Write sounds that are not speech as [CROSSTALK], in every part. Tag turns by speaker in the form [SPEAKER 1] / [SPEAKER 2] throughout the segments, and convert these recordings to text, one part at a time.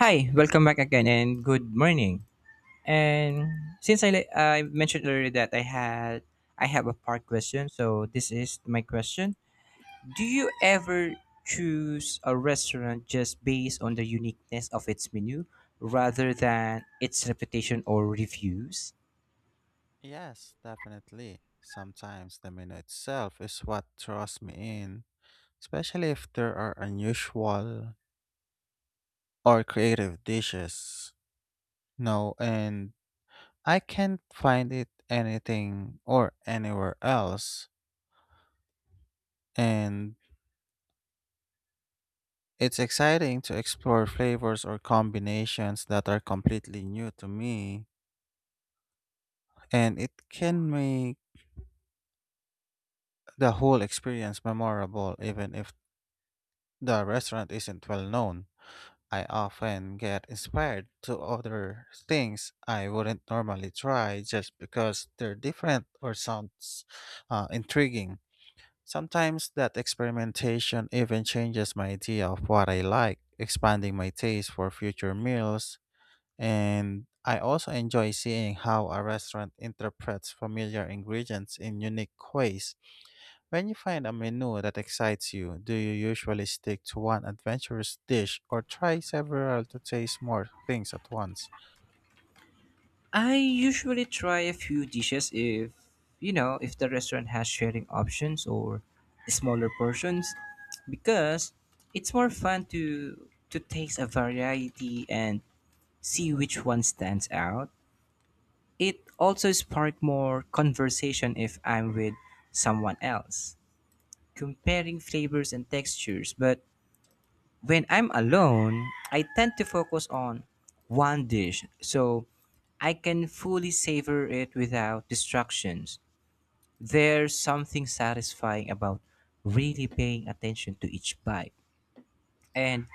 [SPEAKER 1] Hi, welcome back again and good morning. And since I, le- I mentioned earlier that I have a part question, so this is my question. Do you ever choose a restaurant just based on the uniqueness of its menu rather than its reputation or reviews?
[SPEAKER 2] Yes, definitely. Sometimes the menu itself is what draws me in, especially if there are unusual or creative dishes. No, and I can't find it anything or anywhere else. And it's exciting to explore flavors or combinations that are completely new to me, and it can make the whole experience memorable even if the restaurant isn't well known. I often get inspired to other things I wouldn't normally try just because they're different or sounds intriguing. Sometimes that experimentation even changes my idea of what I like, expanding my taste for future meals. And I also enjoy seeing how a restaurant interprets familiar ingredients in unique ways. When you find a menu that excites you, do you usually stick to one adventurous dish or try several to taste more things at once?
[SPEAKER 1] I usually try a few dishes if, you know, if the restaurant has sharing options or smaller portions because it's more fun to taste a variety and see which one stands out. It also spark more conversation if I'm with someone else, comparing flavors and textures, but when I'm alone, I tend to focus on one dish so I can fully savor it without distractions. There's something satisfying about really paying attention to each bite and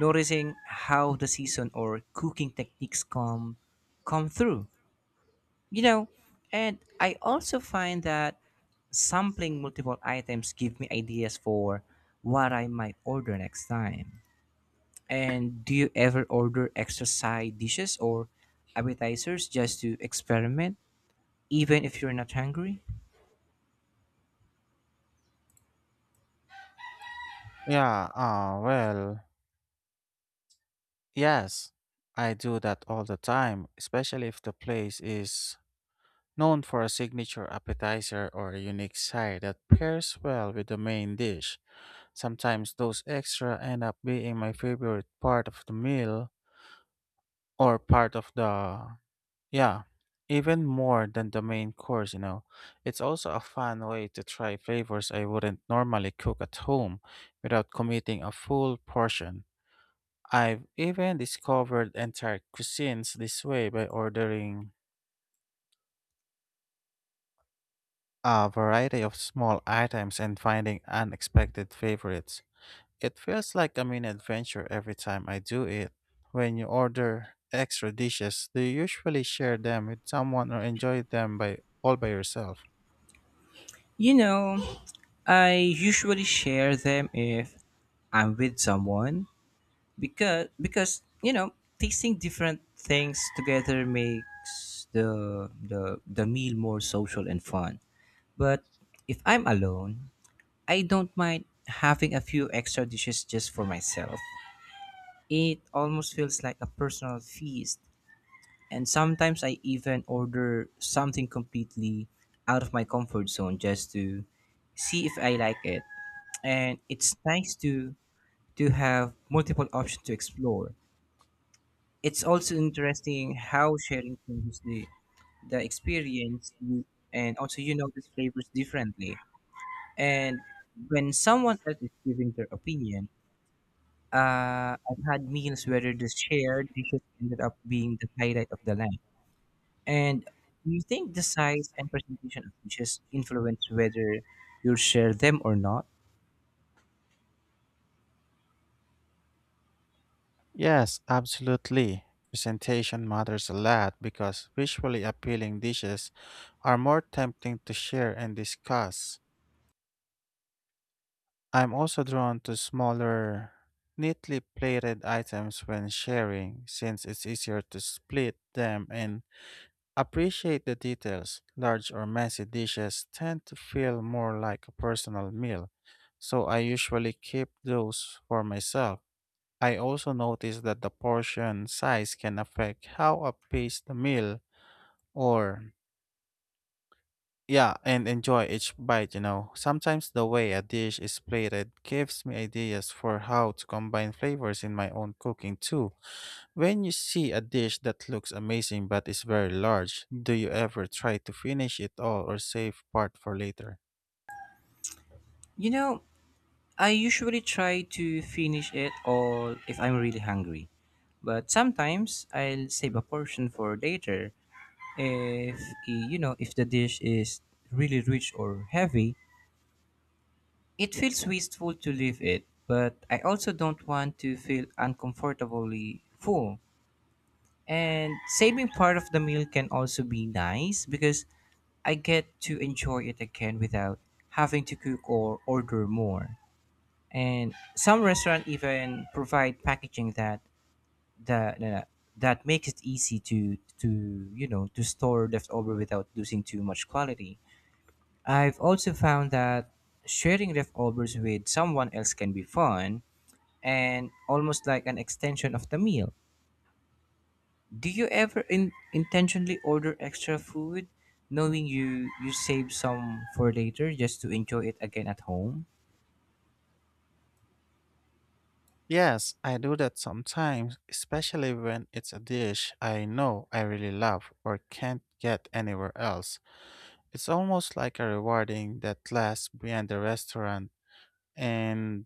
[SPEAKER 1] noticing how the season or cooking techniques come through. You know, and I also find that sampling multiple items give me ideas for what I might order next time. And do you ever order extra side dishes or appetizers just to experiment, even if you're not hungry?
[SPEAKER 2] Yeah, uh, well, yes, I do that all the time, especially if the place is known for a signature appetizer or a unique side that pairs well with the main dish. Sometimes those extra end up being my favorite part of the meal or part of the Yeah, Even more than the main course, you know. It's also a fun way to try flavors I wouldn't normally cook at home without committing a full portion. I've even discovered entire cuisines this way by ordering a variety of small items and finding unexpected favorites. It feels like a mini adventure every time I do it. When you order extra dishes, do you usually share them with someone or enjoy them by all by yourself?
[SPEAKER 1] You know, I usually share them if I'm with someone because you know tasting different things together makes the meal more social and fun. But if I'm alone, I don't mind having a few extra dishes just for myself. It almost feels like a personal feast. And sometimes I even order something completely out of my comfort zone just to see if I like it. And it's nice to have multiple options to explore. It's also interesting how sharing changes the experience you, and also you notice flavors differently. And when someone else is giving their opinion, I've had meals where the shared dishes ended up being the highlight of the night. And do you think the size and presentation of dishes influence whether you'll share them or not?
[SPEAKER 2] Yes, absolutely. Presentation matters a lot because visually appealing dishes are more tempting to share and discuss. I'm also drawn to smaller, neatly plated items when sharing, since it's easier to split them and appreciate the details. Large or messy dishes tend to feel more like a personal meal, so I usually keep those for myself. I also noticed that the portion size can affect how I pace the meal, or yeah, and enjoy each bite, you know. Sometimes the way a dish is plated gives me ideas for how to combine flavors in my own cooking too. When you see a dish that looks amazing but is very large, do you ever try to finish it all or save part for later?
[SPEAKER 1] You know, I usually try to finish it all if I'm really hungry, but sometimes I'll save a portion for later. If eh, You know, if the dish is really rich or heavy, it feels wasteful to leave it, but I also don't want to feel uncomfortably full. And saving part of the meal can also be nice because I get to enjoy it again without having to cook or order more. And some restaurant even provide packaging that that makes it easy to you know to store leftover without losing too much quality. I've also found that sharing leftovers with someone else can be fun and almost like an extension of the meal. Do you ever intentionally order extra food, knowing you save some for later just to enjoy it again at home?
[SPEAKER 2] Yes, I do that sometimes, especially when it's a dish I know I really love or can't get anywhere else. It's almost like a rewarding that lasts beyond the restaurant, and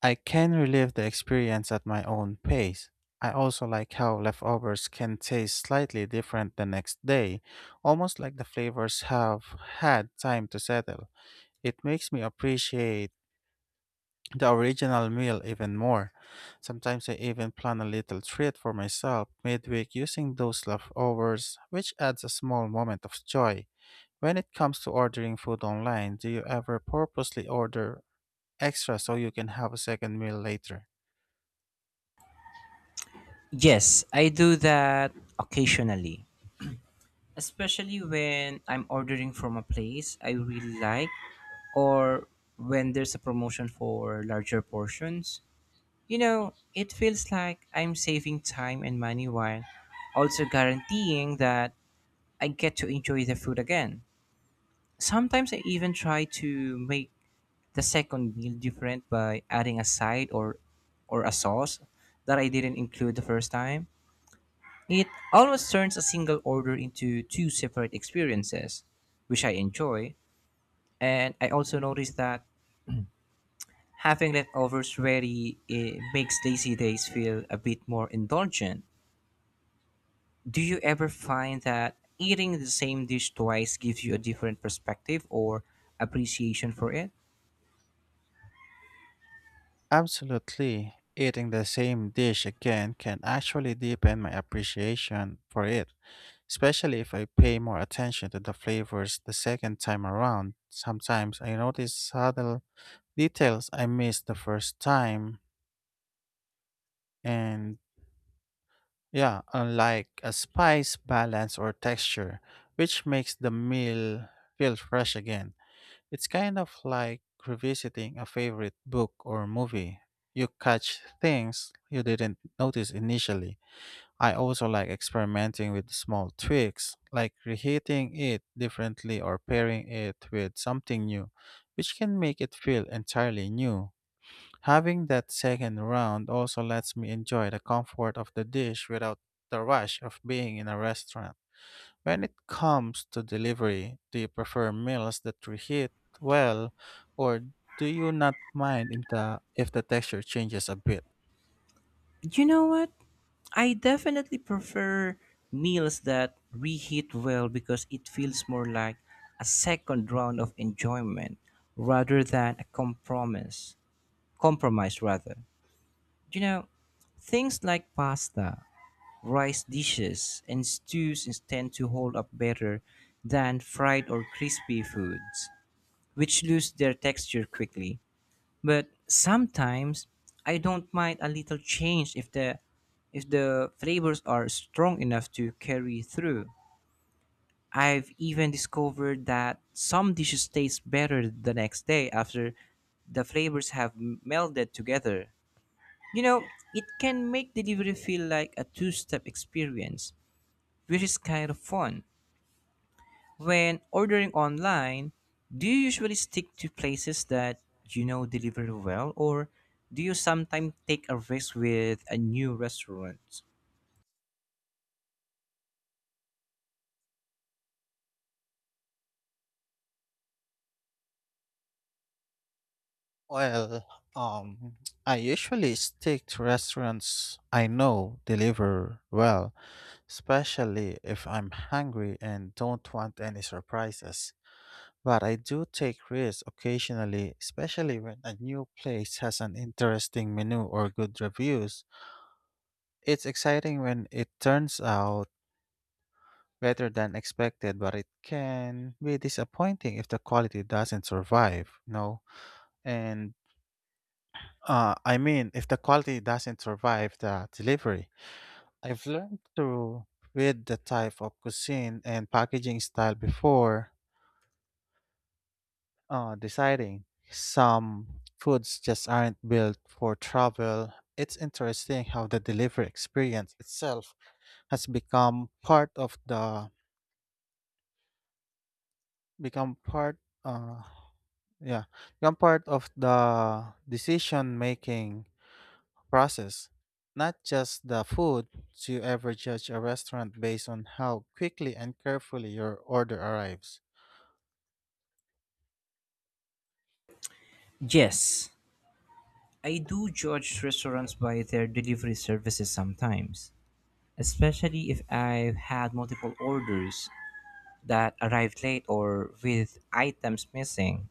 [SPEAKER 2] I can relive the experience at my own pace. I also like how leftovers can taste slightly different the next day, almost like the flavors have had time to settle. It makes me appreciate the original meal even more. Sometimes I even plan a little treat for myself midweek using those leftovers, which adds a small moment of joy. When it comes to ordering food online, do you ever purposely order extra so you can have a second meal later?
[SPEAKER 1] Yes, I do that occasionally, especially when I'm ordering from a place I really like or when there's a promotion for larger portions. You know, it feels like I'm saving time and money while also guaranteeing that I get to enjoy the food again. Sometimes I even try to make the second meal different by adding a side or a sauce that I didn't include the first time. It always turns a single order into two separate experiences, which I enjoy. And I also noticed that having leftovers ready it makes lazy days feel a bit more indulgent. Do you ever find that eating the same dish twice gives you a different perspective or appreciation for it?
[SPEAKER 2] Absolutely. Eating the same dish again can actually deepen my appreciation for it, especially if I pay more attention to the flavors the second time around. Sometimes I notice subtle details I missed the first time, and yeah, unlike a spice balance or texture, which makes the meal feel fresh again. It's kind of like revisiting a favorite book or movie. You catch things you didn't notice initially. I also like experimenting with small tweaks, like reheating it differently or pairing it with something new, which can make it feel entirely new. Having that second round also lets me enjoy the comfort of the dish without the rush of being in a restaurant. When it comes to delivery, do you prefer meals that reheat well, or do you not mind in the, if the texture changes a bit?
[SPEAKER 1] You know what? I definitely prefer meals that reheat well because it feels more like a second round of enjoyment rather than a compromise. Compromise rather. You know, things like pasta, rice dishes, and tend to hold up better than fried or crispy foods, which lose their texture quickly. But sometimes I don't mind a little change if the flavors are strong enough to carry through. I've even discovered that some dishes taste better the next day after the flavors have melded together. You know, it can make delivery feel like a two-step experience, which is kind of fun. When ordering online, do you usually stick to places that you know deliver well, or do you sometimes take a risk with a new restaurant?
[SPEAKER 2] Well, um, I usually stick to restaurants I know deliver well, especially if I'm hungry and don't want any surprises. But I do take risks occasionally, especially when a new place has an interesting menu or good reviews. It's exciting when it turns out better than expected, but it can be disappointing if the quality doesn't survive, you know? And I mean, if the quality doesn't survive the delivery, I've learned to read the type of cuisine and packaging style before deciding. Some foods just aren't built for travel. It's interesting how the delivery experience itself has become part of the become part uh, Yeah, Become part of the decision-making process, not just the food. Do you ever judge a restaurant based on how quickly and carefully your order arrives?
[SPEAKER 1] Yes, I do judge restaurants by their delivery services sometimes, especially if I've had multiple orders that arrived late or with items missing.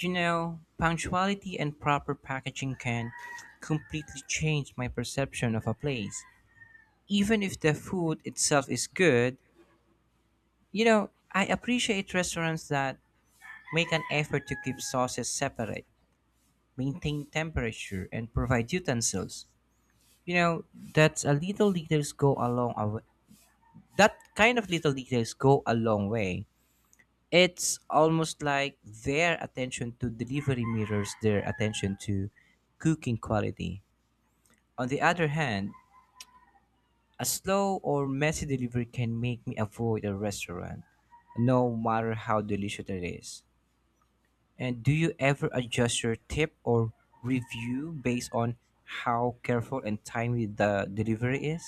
[SPEAKER 1] You know, punctuality and proper packaging can completely change my perception of a place. Even if the food itself is good, you know, I appreciate restaurants that make an effort to keep sauces separate, maintain temperature, and provide utensils. You know, that's a little details go a long a w- that kind of little details go a long way. It's almost like their attention to delivery mirrors their attention to cooking quality. On the other hand, a slow or messy delivery can make me avoid a restaurant, no matter how delicious it is. And do you ever adjust your tip or review based on how careful and timely the delivery is?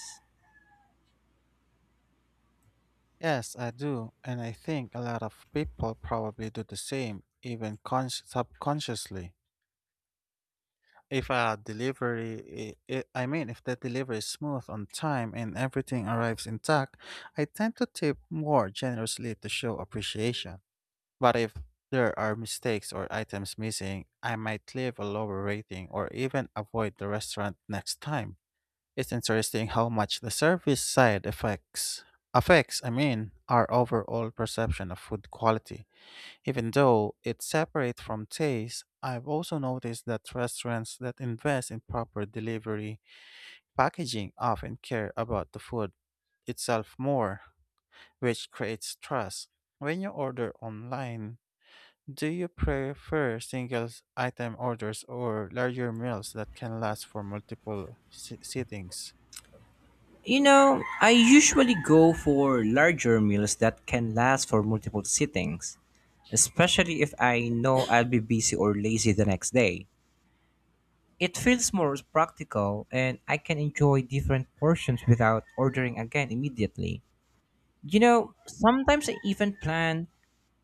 [SPEAKER 2] Yes, I do, and I think a lot of people probably do the same, even subconsciously. If a delivery, I mean, if the delivery is smooth on time and everything arrives intact, I tend to tip more generously to show appreciation. But if there are mistakes or items missing, I might leave a lower rating or even avoid the restaurant next time. It's interesting how much the service side affects, I mean, our overall perception of food quality. Even though it's separate from taste, I've also noticed that restaurants that invest in proper delivery packaging often care about the food itself more, which creates trust. When you order online, do you prefer single item orders or larger meals that can last for multiple sittings?
[SPEAKER 1] You know, I usually go for larger meals that can last for multiple sittings, especially if I know I'll be busy or lazy the next day. It feels more practical and I can enjoy different portions without ordering again immediately. You know, sometimes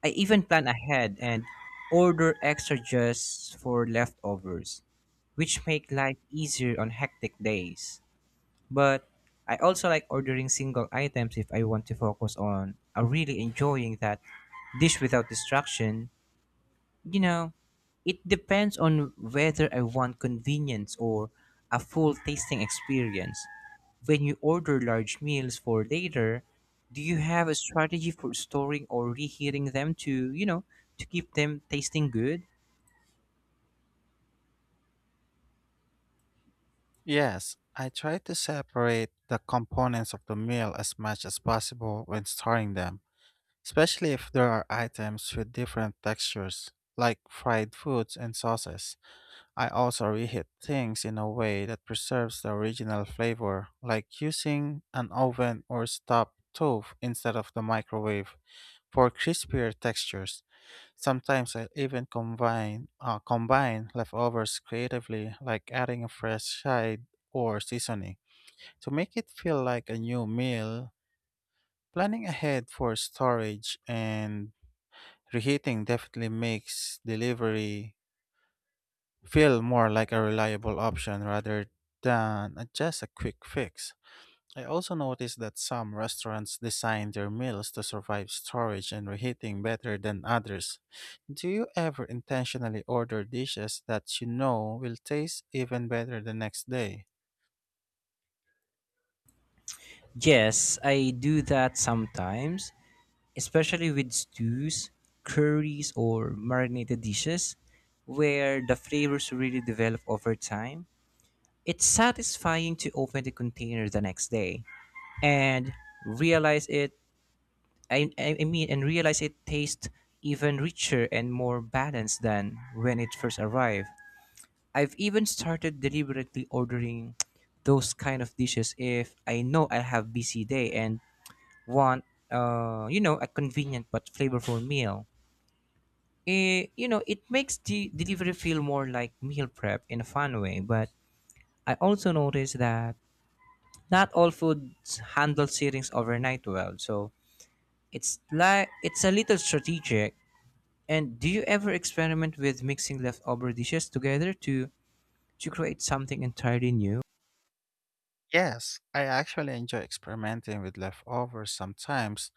[SPEAKER 1] I even plan ahead and order extra just for leftovers, which make life easier on hectic days. But I also like ordering single items if I want to focus on really enjoying that dish without distraction. You know, it depends on whether I want convenience or a full tasting experience. When you order large meals for later, do you have a strategy for storing or reheating them to, you know, to keep them tasting good?
[SPEAKER 2] Yes, I try to separate the components of the meal as much as possible when storing them, especially if there are items with different textures, like fried foods and sauces. I also reheat things in a way that preserves the original flavor, like using an oven or stop stove instead of the microwave for crispier textures. Sometimes I even combine leftovers creatively, like adding a fresh side or seasoning to make it feel like a new meal. Planning ahead for storage and reheating definitely makes delivery feel more like a reliable option rather than just a quick fix. I also noticed that some restaurants design their meals to survive storage and reheating better than others. Do you ever intentionally order dishes that you know will taste even better the next day?
[SPEAKER 1] Yes, I do that sometimes, especially with stews, curries, or marinated dishes where the flavors really develop over time. It's satisfying to open the container the next day and realize it I mean and realize it tastes even richer and more balanced than when it first arrived. I've even started deliberately ordering [TSK] those kind of dishes if I know I have busy day and want you know a convenient but flavorful meal. It, you know it makes the delivery feel more like meal prep in a fun way, but I also noticed that not all foods handle settings overnight well. So it's like it's a little strategic. And do you ever experiment with mixing leftover dishes together to create something entirely new?
[SPEAKER 2] Yes, I actually enjoy experimenting with leftovers sometimes,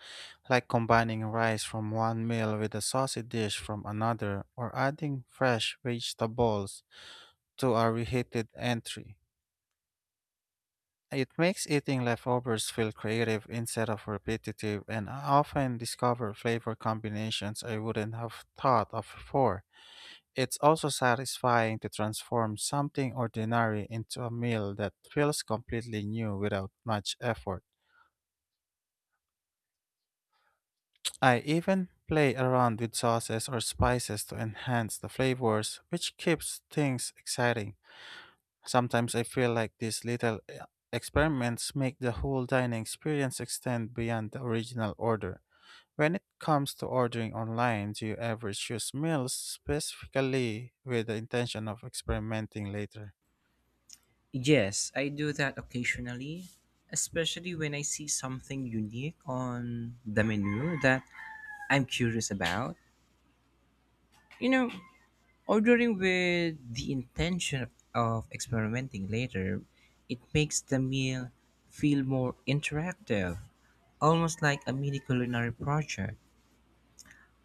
[SPEAKER 2] like combining rice from one meal with a saucy dish from another or adding fresh vegetables to a reheated entry. It makes eating leftovers feel creative instead of repetitive, and I often discover flavor combinations I wouldn't have thought of before. It's also satisfying to transform something ordinary into a meal that feels completely new without much effort. I even play around with sauces or spices to enhance the flavors, which keeps things exciting. Sometimes I feel like these little experiments make the whole dining experience extend beyond the original order. When it comes to ordering online, do you ever choose meals specifically with the intention of experimenting later?
[SPEAKER 1] Yes, I do that occasionally, especially when I see something unique on the menu that I'm curious about. You know, ordering with the intention of experimenting later, it makes the meal feel more interactive, almost like a mini culinary project.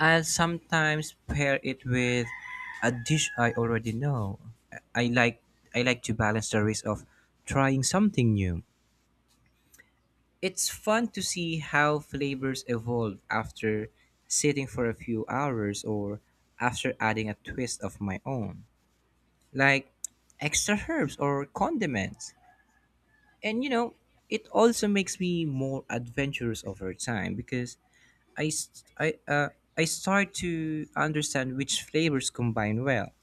[SPEAKER 1] I'll sometimes pair it with a dish I already know. I like I like to balance the risk of trying something new. It's fun to see how flavors evolve after sitting for a few hours or after adding a twist of my own, like extra herbs or condiments. And you know, it also makes me more adventurous over time because I, s- I, uh, I start to understand which flavors combine well.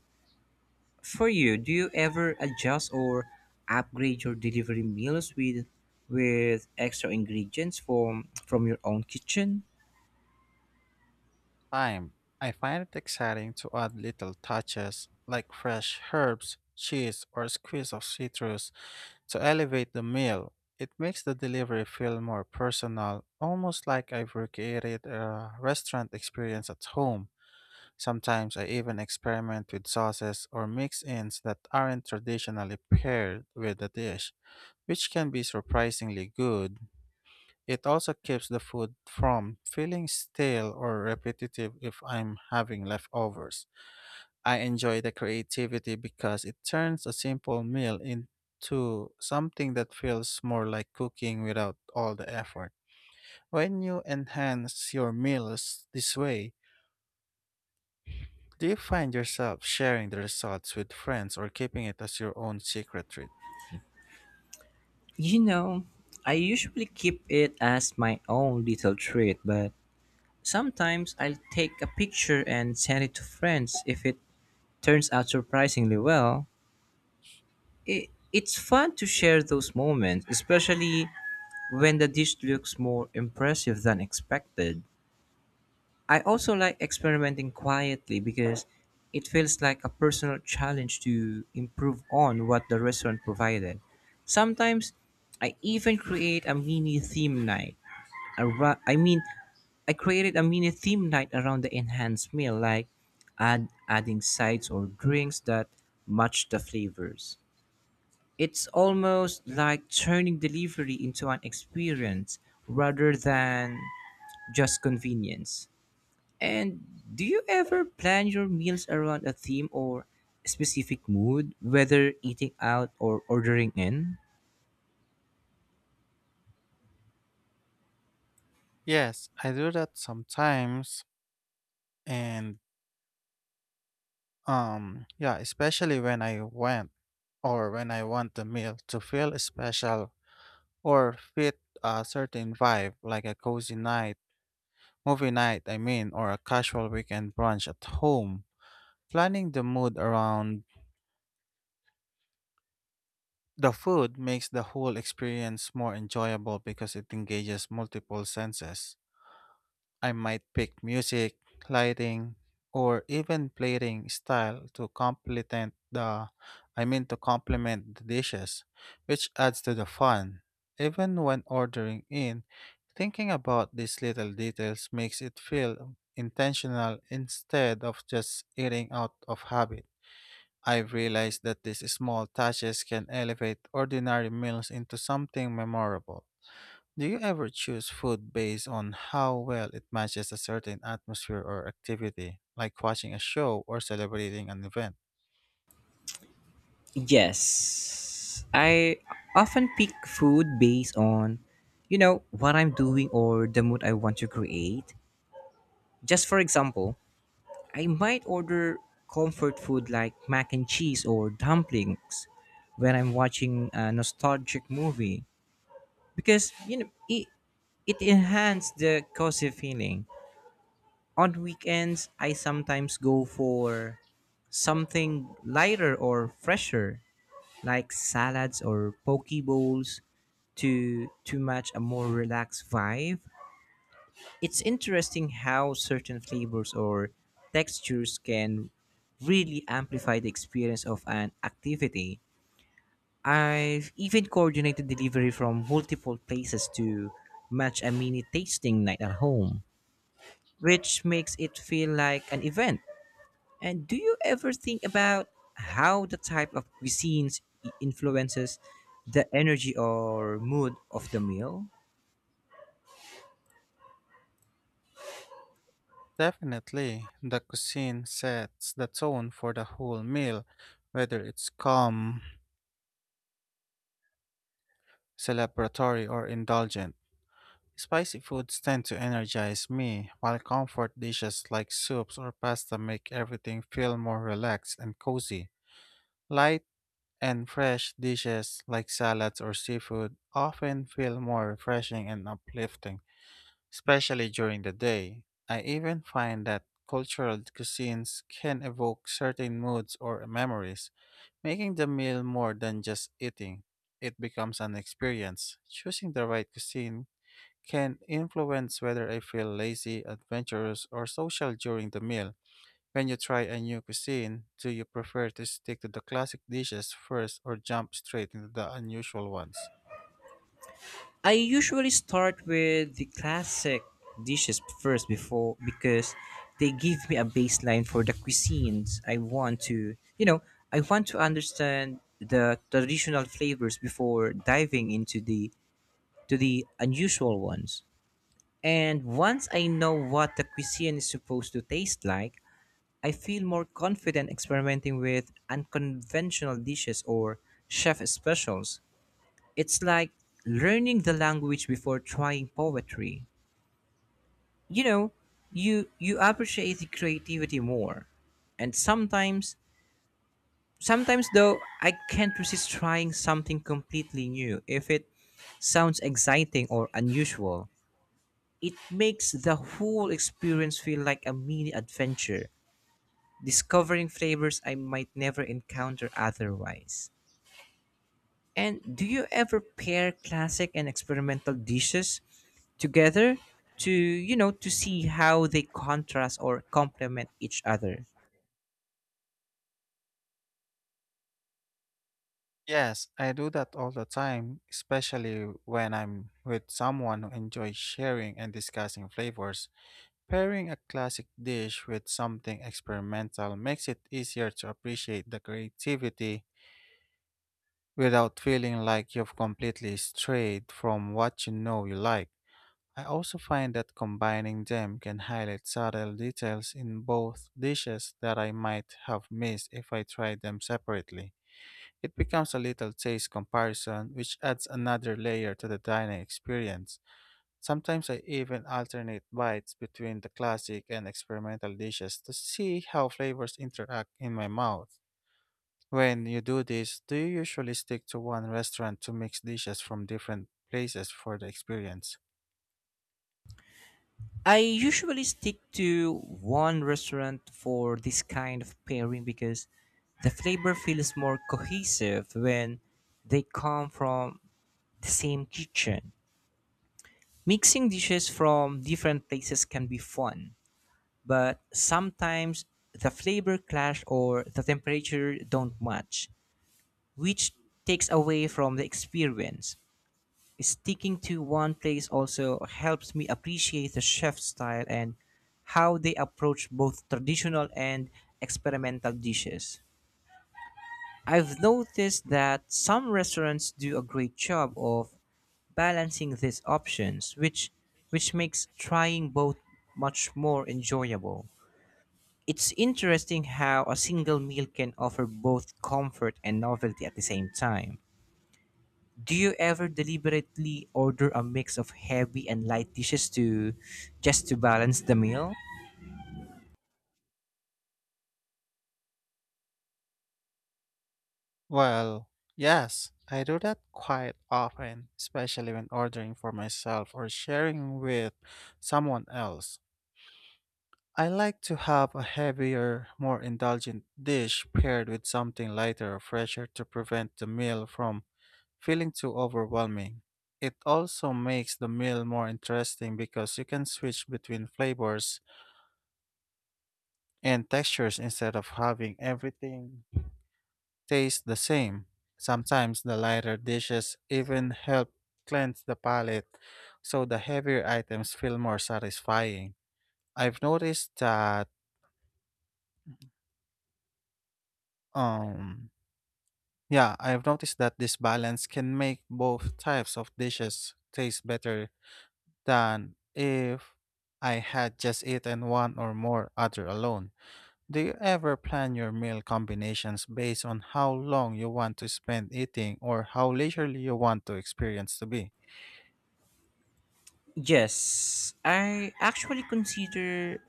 [SPEAKER 1] For you, do you ever adjust or upgrade your delivery meals with extra ingredients from your own kitchen?
[SPEAKER 2] Time, I find it exciting to add little touches like fresh herbs, cheese, or a squeeze of citrus to elevate the meal. It makes the delivery feel more personal, almost like I've recreated a restaurant experience at home. Sometimes I even experiment with sauces or mix ins that aren't traditionally paired with the dish, which can be surprisingly good. It also keeps the food from feeling stale or repetitive if I'm having leftovers. I enjoy the creativity because it turns a simple meal into something that feels more like cooking without all the effort. When you enhance your meals this way, do you find yourself sharing the results with friends or keeping it as your own secret treat?
[SPEAKER 1] You know, I usually keep it as my own little treat, but sometimes I'll take a picture and send it to friends if it turns out surprisingly well. It's fun to share those moments, especially when the dish looks more impressive than expected. I also like experimenting quietly because it feels like a personal challenge to improve on what the restaurant provided. Sometimes I even create a mini theme night. Arou- I mean, I created a mini theme night around the enhanced meal, like adding sides or drinks that match the flavors. It's almost like turning delivery into an experience rather than just convenience. And do you ever plan your meals around a theme or specific mood, whether eating out or ordering in?
[SPEAKER 2] Yes, I do that sometimes, and yeah, especially when I went or when I want the meal to feel special or fit a certain vibe, like a cozy night, movie night, I mean, or a casual weekend brunch at home. Planning the mood around the food makes the whole experience more enjoyable because it engages multiple senses. I might pick music, lighting, or even plating style to complement the I mean to complement the dishes, which adds to the fun. Even when ordering in, thinking about these little details makes it feel intentional instead of just eating out of habit. I've realized that these small touches can elevate ordinary meals into something memorable. Do you ever choose food based on how well it matches a certain atmosphere or activity, like watching a show or celebrating an event?
[SPEAKER 1] Yes. I often pick food based on, you know, what I'm doing or the mood I want to create. Just for example, I might order comfort food like mac and cheese or dumplings when I'm watching a nostalgic movie, because you know it it enhanced the cozy feeling. On weekends, I sometimes go for something lighter or fresher, like salads or poke bowls, to match a more relaxed vibe. It's interesting how certain flavors or textures can really amplify the experience of an activity. I've even coordinated delivery from multiple places to match a mini tasting night at home, which makes it feel like an event. And do you ever think about how the type of influences the energy or mood of the meal?
[SPEAKER 2] Definitely, the cuisine sets the tone for the whole meal, whether it's calm, celebratory, or indulgent. Spicy foods tend to energize me, while comfort dishes like soups or pasta make everything feel more relaxed and cozy. Light and fresh dishes like salads or seafood often feel more refreshing and uplifting, especially during the day. I even find that cultural cuisines can evoke certain moods or memories, making the meal more than just eating. It becomes an experience. Choosing the right cuisine can influence whether I feel lazy, adventurous, or social during the meal. When you try a new cuisine, do you prefer to stick to the classic dishes first or jump straight into the unusual ones?
[SPEAKER 1] I usually start with the classic dishes first before because they give me a baseline for the cuisines I want to, you know, I want to understand the traditional flavors before diving into the to the unusual ones. And once I know what the cuisine is supposed to taste like, I feel more confident experimenting with unconventional dishes or chef specials. It's like learning the language before trying poetry. You know, you appreciate the creativity more. And sometimes though I can't resist trying something completely new if it sounds exciting or unusual. It makes the whole experience feel like a mini adventure, discovering flavors I might never encounter otherwise. And do you ever pair classic and experimental dishes together to, you know, to see how they contrast or complement each other?
[SPEAKER 2] Yes, I do that all the time, especially when I'm with someone who enjoys sharing and discussing flavors. Pairing a classic dish with something experimental makes it easier to appreciate the creativity without feeling like you've completely strayed from what you know you like. I also find that combining them can highlight subtle details in both dishes that I might have missed if I tried them separately. It becomes a little taste comparison, which adds another layer to the dining experience. Sometimes I even alternate bites between the classic and experimental dishes to see how flavors interact in my mouth. When you do this, do you usually stick to one restaurant to mix dishes from different places for the experience?
[SPEAKER 1] I usually stick to one restaurant for this kind of pairing because the flavor feels more cohesive when they come from the same kitchen. Mixing dishes from different places can be fun, but sometimes the flavor clash or the temperature don't match, which takes away from the experience. Sticking to one place also helps me appreciate the chef's style and how they approach both traditional and experimental dishes. I've noticed that some restaurants do a great job of balancing these options, which makes trying both much more enjoyable. It's interesting how a single meal can offer both comfort and novelty at the same time. Do you ever deliberately order a mix of heavy and light dishes to just to balance the meal?
[SPEAKER 2] Well, yes, I do that quite often, especially when ordering for myself or sharing with someone else. I like to have a heavier, more indulgent dish paired with something lighter or fresher to prevent the meal from feeling too overwhelming. It also makes the meal more interesting because you can switch between flavors and textures instead of having everything taste the same. Sometimes the lighter dishes even help cleanse the palate, so the heavier items feel more satisfying. I've noticed that um yeah, I've noticed that this balance can make both types of dishes taste better than if I had just eaten one or more other alone. Do you ever plan your meal combinations based on how long you want to spend eating or how leisurely you want to experience to be?
[SPEAKER 1] Yes, I actually consider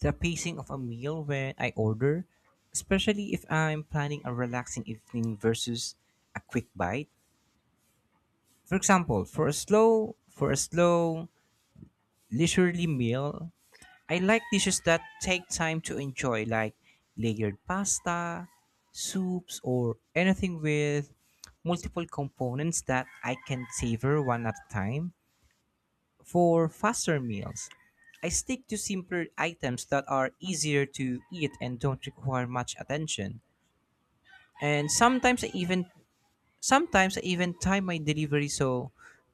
[SPEAKER 1] the pacing of a meal when I order, especially if I'm planning a relaxing evening versus a quick bite. For example, for a slow leisurely meal, I like dishes that take time to enjoy, like layered pasta, soups, or anything with multiple components that I can savor one at a time. For faster meals, I stick to simpler items that are easier to eat and don't require much attention. And sometimes I even time my delivery so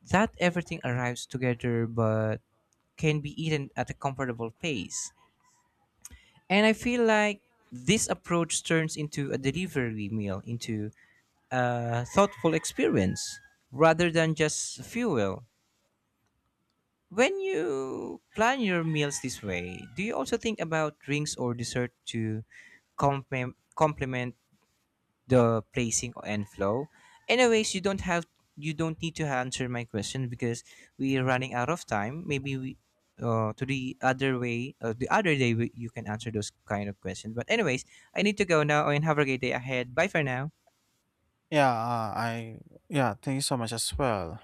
[SPEAKER 1] that everything arrives together but can be eaten at a comfortable pace. And I feel like this approach turns into a delivery meal, into a thoughtful experience rather than just fuel. When you plan your meals this way, do you also think about drinks or dessert to complement the placing and flow? Anyways, you don't need to answer my question because we're running out of time. Maybe we to the other way, the other day you can answer those kind of questions. But anyways, I need to go now and have a great day ahead. Bye for now.
[SPEAKER 2] Yeah, I yeah, thank you so much as well.